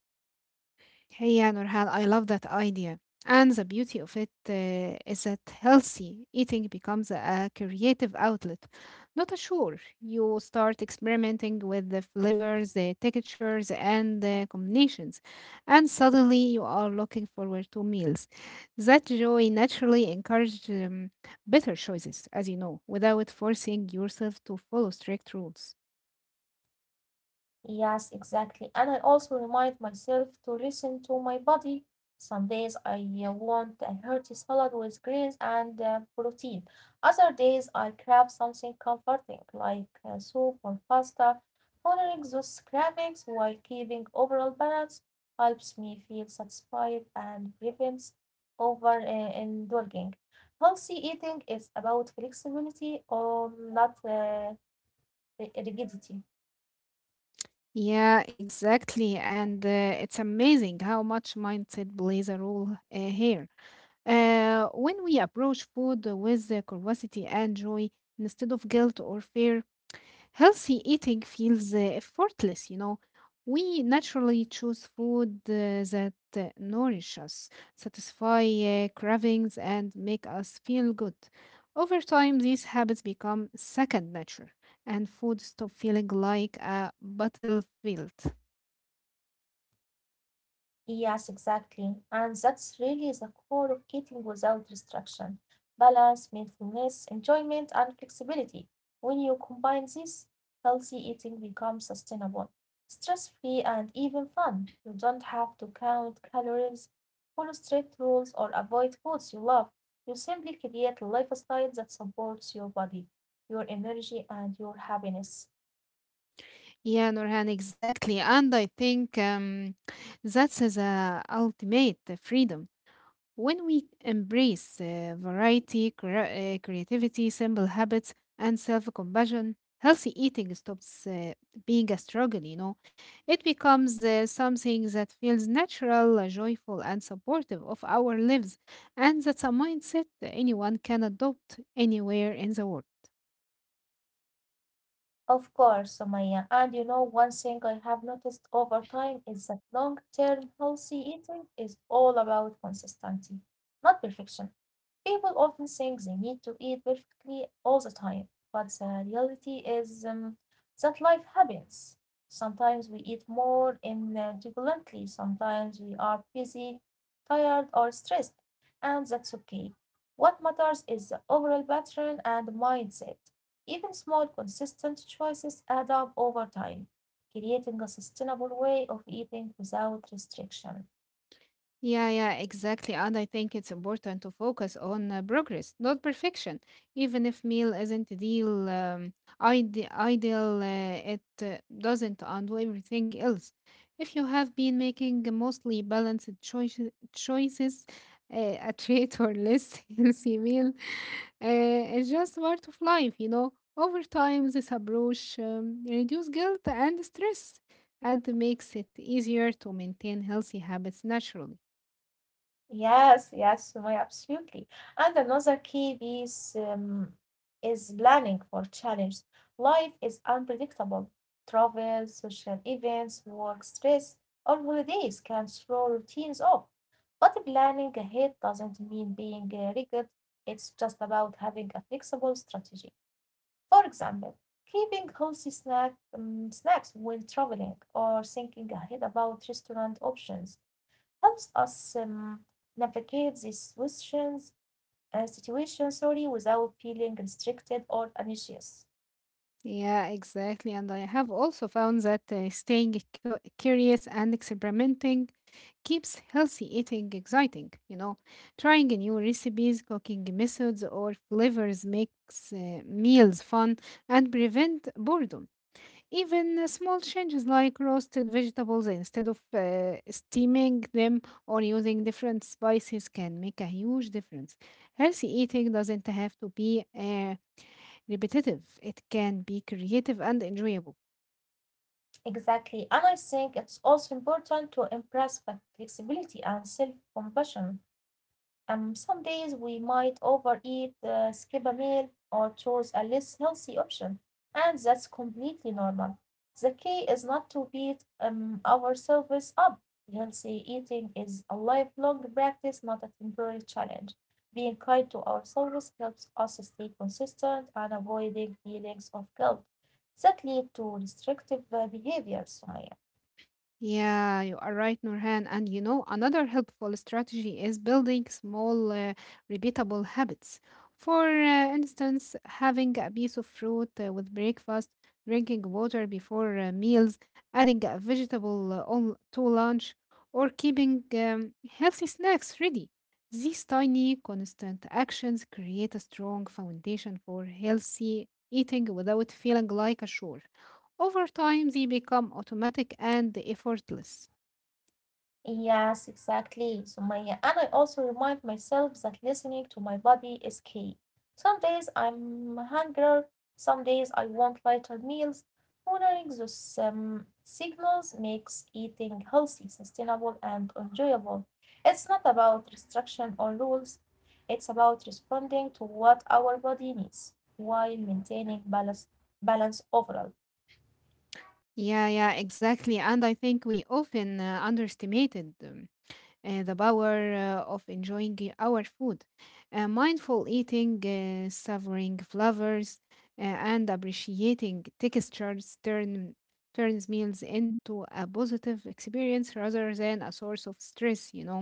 Hey, yeah, Nurhan, I love that idea. And the beauty of it is that healthy eating becomes a creative outlet, not a chore. You start experimenting with the flavors, the textures, and the combinations, and suddenly you are looking forward to meals. That joy naturally encourages better choices, as you know, without forcing yourself to follow strict rules.
Yes, exactly. And I also remind myself to listen to my body. Some days I want a hearty salad with greens and protein. Other days I crave something comforting like soup or pasta. Honoring those cravings while keeping overall balance helps me feel satisfied and prevents over indulging. Healthy eating is about flexibility or not rigidity.
Yeah, exactly. And it's amazing how much mindset plays a role here. When we approach food with curiosity and joy instead of guilt or fear, healthy eating feels effortless, you know. We naturally choose food that nourish us, satisfy cravings, and make us feel good. Over time, these habits become second nature, and food stop feeling like a battlefield.
Yes, exactly. And that's really the core of getting without restriction. Balance, mindfulness, enjoyment, and flexibility. When you combine this, healthy eating becomes sustainable, stress-free, and even fun. You don't have to count calories, follow strict rules, or avoid foods you love. You simply create a lifestyle that supports your body, your energy, and your happiness.
Yeah, Nurhan, exactly. And I think that's is a ultimate freedom. When we embrace variety, creativity, simple habits, and self-compassion, healthy eating stops being a struggle, you know. It becomes something that feels natural, joyful, and supportive of our lives. And that's a mindset anyone can adopt anywhere in the world.
Of course, Somaya. And you know, one thing I have noticed over time is that long-term healthy eating is all about consistency, not perfection. People often think they need to eat perfectly all the time, but the reality is that life happens. Sometimes we eat more infrequently, sometimes we are busy, tired, or stressed, and that's okay. What matters is the overall pattern and mindset. Even small, consistent choices add up over time, creating a sustainable way of eating without restriction.
Yeah, yeah, exactly. And I think it's important to focus on progress, not perfection. Even if meal isn't ideal, ideal, it doesn't undo everything else. If you have been making mostly balanced choices, a treat or less healthy meal, it's just part of life, you know. Over time, this approach reduces guilt and stress, and makes it easier to maintain healthy habits naturally.
Yes, yes, Sumaya, absolutely. And another key piece is planning for challenge. Life is unpredictable. Travel, social events, work stress, or holidays can throw routines off. But planning ahead doesn't mean being rigid. It's just about having a flexible strategy. For example, keeping snacks when traveling or thinking ahead about restaurant options helps us navigate these situations, situation, sorry, without feeling restricted or anxious.
Yeah, exactly. And I have also found that staying curious and experimenting keeps healthy eating exciting. You know, trying new recipes, cooking methods, or flavors makes meals fun and prevent boredom. Even small changes like roasted vegetables instead of steaming them or using different spices can make a huge difference. Healthy eating doesn't have to be repetitive. It can be creative and enjoyable.
Exactly. And I think it's also important to embrace flexibility and self compassion. Some days we might overeat, skip a meal, or choose a less healthy option, and that's completely normal. The key is not to beat ourselves up. Healthy eating is a lifelong practice, not a temporary challenge. Being kind to ourselves helps us stay consistent and avoiding feelings of guilt that lead to restrictive behaviors, Sumaya.
Yeah, you are right, Nurhan. And you know, another helpful strategy is building small, repeatable habits. For instance, having a piece of fruit with breakfast, drinking water before meals, adding a vegetable to lunch, or keeping healthy snacks ready. These tiny, constant actions create a strong foundation for healthy eating without feeling like a chore. Over time, they become automatic and effortless.
Yes, exactly, So Maya. And I also remind myself that listening to my body is key. Some days I'm hungry, some days I want lighter meals. Honoring those signals makes eating healthy, sustainable, and enjoyable. It's not about restriction or rules. It's about responding to what our body needs while maintaining balance overall.
Yeah, yeah, exactly. And I think we often underestimated the power of enjoying our food. Mindful eating, savoring flavors, and appreciating turns meals into a positive experience rather than a source of stress, you know.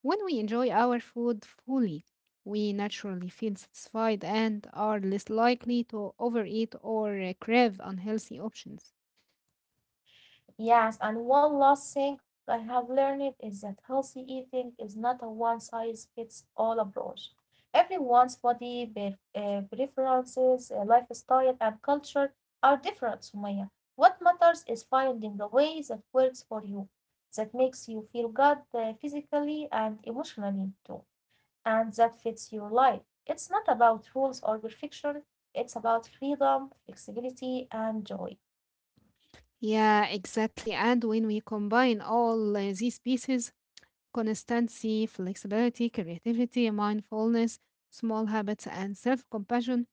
When we enjoy our food fully, we naturally feel satisfied and are less likely to overeat or crave unhealthy options.
Yes, and one last thing I have learned is that healthy eating is not a one size fits all approach. Everyone's body, preferences, lifestyle, and culture are different, Sumaya. What matters is finding the way that works for you, that makes you feel good physically and emotionally too, and that fits your life. It's not about rules or perfection, it's about freedom, flexibility, and joy.
Yeah, exactly. And when we combine all these pieces consistency, flexibility, creativity, mindfulness, small habits, and self compassion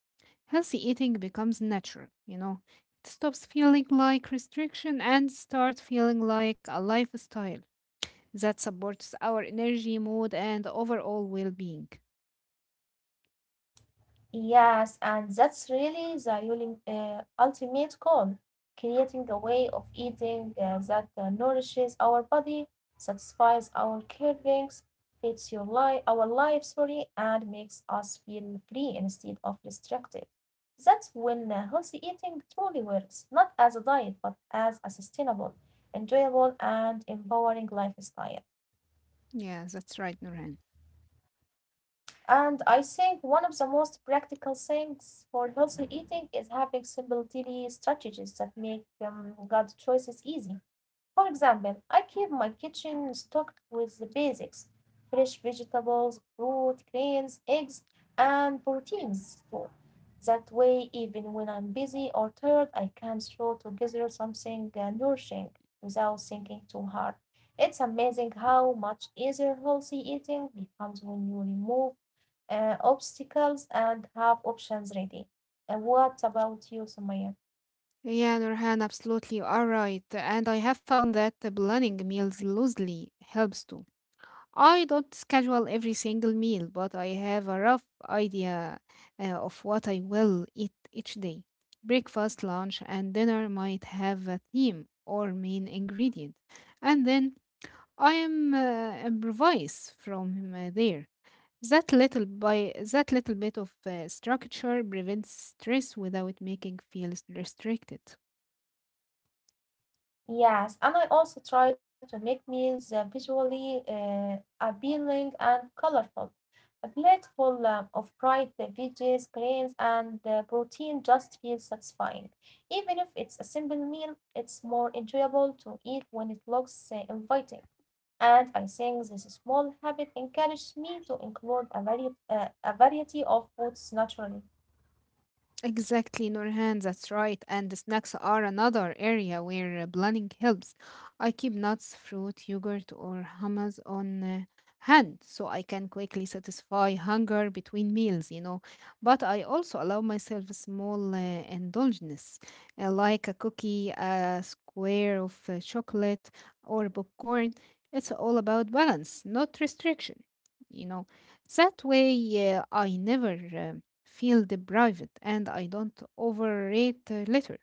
healthy eating becomes natural, you know. It stops feeling like restriction and start feeling like a lifestyle that supports our energy, mood, and overall well being.
Yes, and that's really the ultimate goal, creating a way of eating that nourishes our body, satisfies our cravings, fits your life, our life, sorry, and makes us feel free instead of restricted. That's when healthy eating truly works, not as a diet, but as a sustainable, enjoyable, and empowering lifestyle.
Yeah, that's right, Nurhan.
And I think one of the most practical things for healthy eating is having simple daily strategies that make gut choices easy. For example, I keep my kitchen stocked with the basics: fresh vegetables, fruit, grains, eggs, and proteins too. That way, even when I'm busy or tired, I can throw together something nourishing without thinking too hard. It's amazing how much easier healthy eating becomes when you remove obstacles and have options ready. What about you, Sumaya?
Yeah, Nurhan, absolutely, you are right. And I have found that the planning meals loosely helps too. I don't schedule every single meal, but I have a rough idea of what I will eat each day. Breakfast, lunch, and dinner might have a theme or main ingredient. And then I am improvise from there. That little bit of structure prevents stress without making feel restricted.
Yes, and I also try to make meals visually appealing and colorful. A plate full of bright veggies, grains, and protein just feels satisfying. Even if it's a simple meal, it's more enjoyable to eat when it looks inviting. And I think this small habit encourages me to include a variety of foods naturally.
Exactly, Nurhan, that's right. And the snacks are another area where planning helps. I keep nuts, fruit, yogurt, or hummus on hand so I can quickly satisfy hunger between meals, you know. But I also allow myself a small indulgence, like a cookie, a square of chocolate, or popcorn. It's all about balance, not restriction, you know. That way, I never feel deprived and I don't overrate later.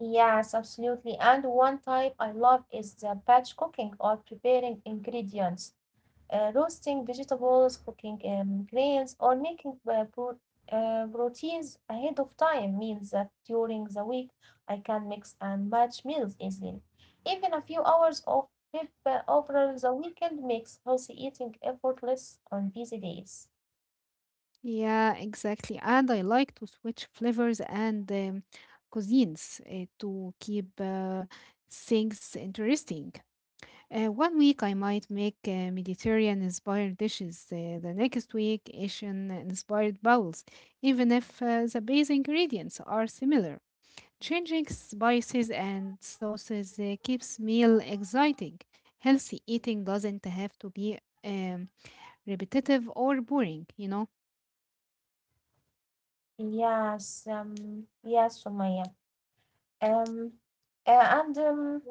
Yes, absolutely. And one type I love is the batch cooking or preparing ingredients, roasting vegetables, cooking grains, or making proteins ahead of time means that during the week I can mix and match meals easily. Even a few hours of prep over the weekend makes healthy eating effortless on busy days.
Yeah, exactly. And I like to switch flavors and cuisines to keep things interesting. One week I might make Mediterranean inspired dishes, the next week, Asian inspired bowls, even if the base ingredients are similar. Changing spices and sauces keeps meal exciting. Healthy eating doesn't have to be um, repetitive or boring, you know?
Yes, yes, Sumaya. Um, and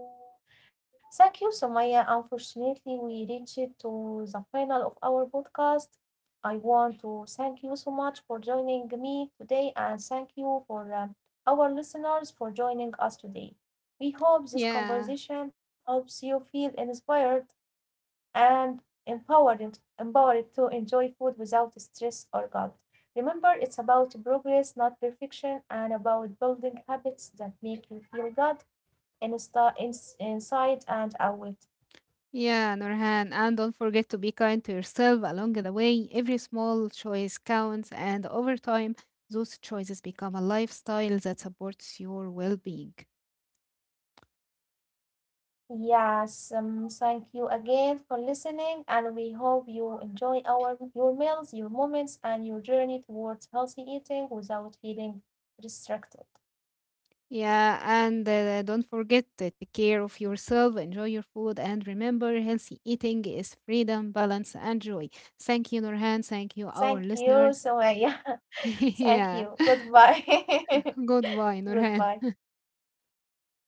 Thank you, Sumaya. Unfortunately, we reached to the final of our podcast. I want to thank you so much for joining me today and thank you for our listeners for joining us today. We hope this
Yeah,
conversation helps you feel inspired and empowered to enjoy food without stress or guilt. Remember, it's about progress, not perfection, and about building habits that make you feel good inside and out.
yeah, Nurhan. And don't forget to be kind to yourself along the way. Every small choice counts, and over time, those choices become a lifestyle that supports your well being.
Yes, thank you again for listening, and we hope you enjoy our your meals, your moments, and your journey towards healthy eating without feeling restricted.
Yeah, and don't forget to take care of yourself, enjoy your food, and remember healthy eating is freedom, balance, and joy. Thank you, Nurhan. Thank you, our
Thank you,
listeners.
Sumaya. Thank
Yeah,
you. Goodbye.
goodbye, Nurhan.
Goodbye.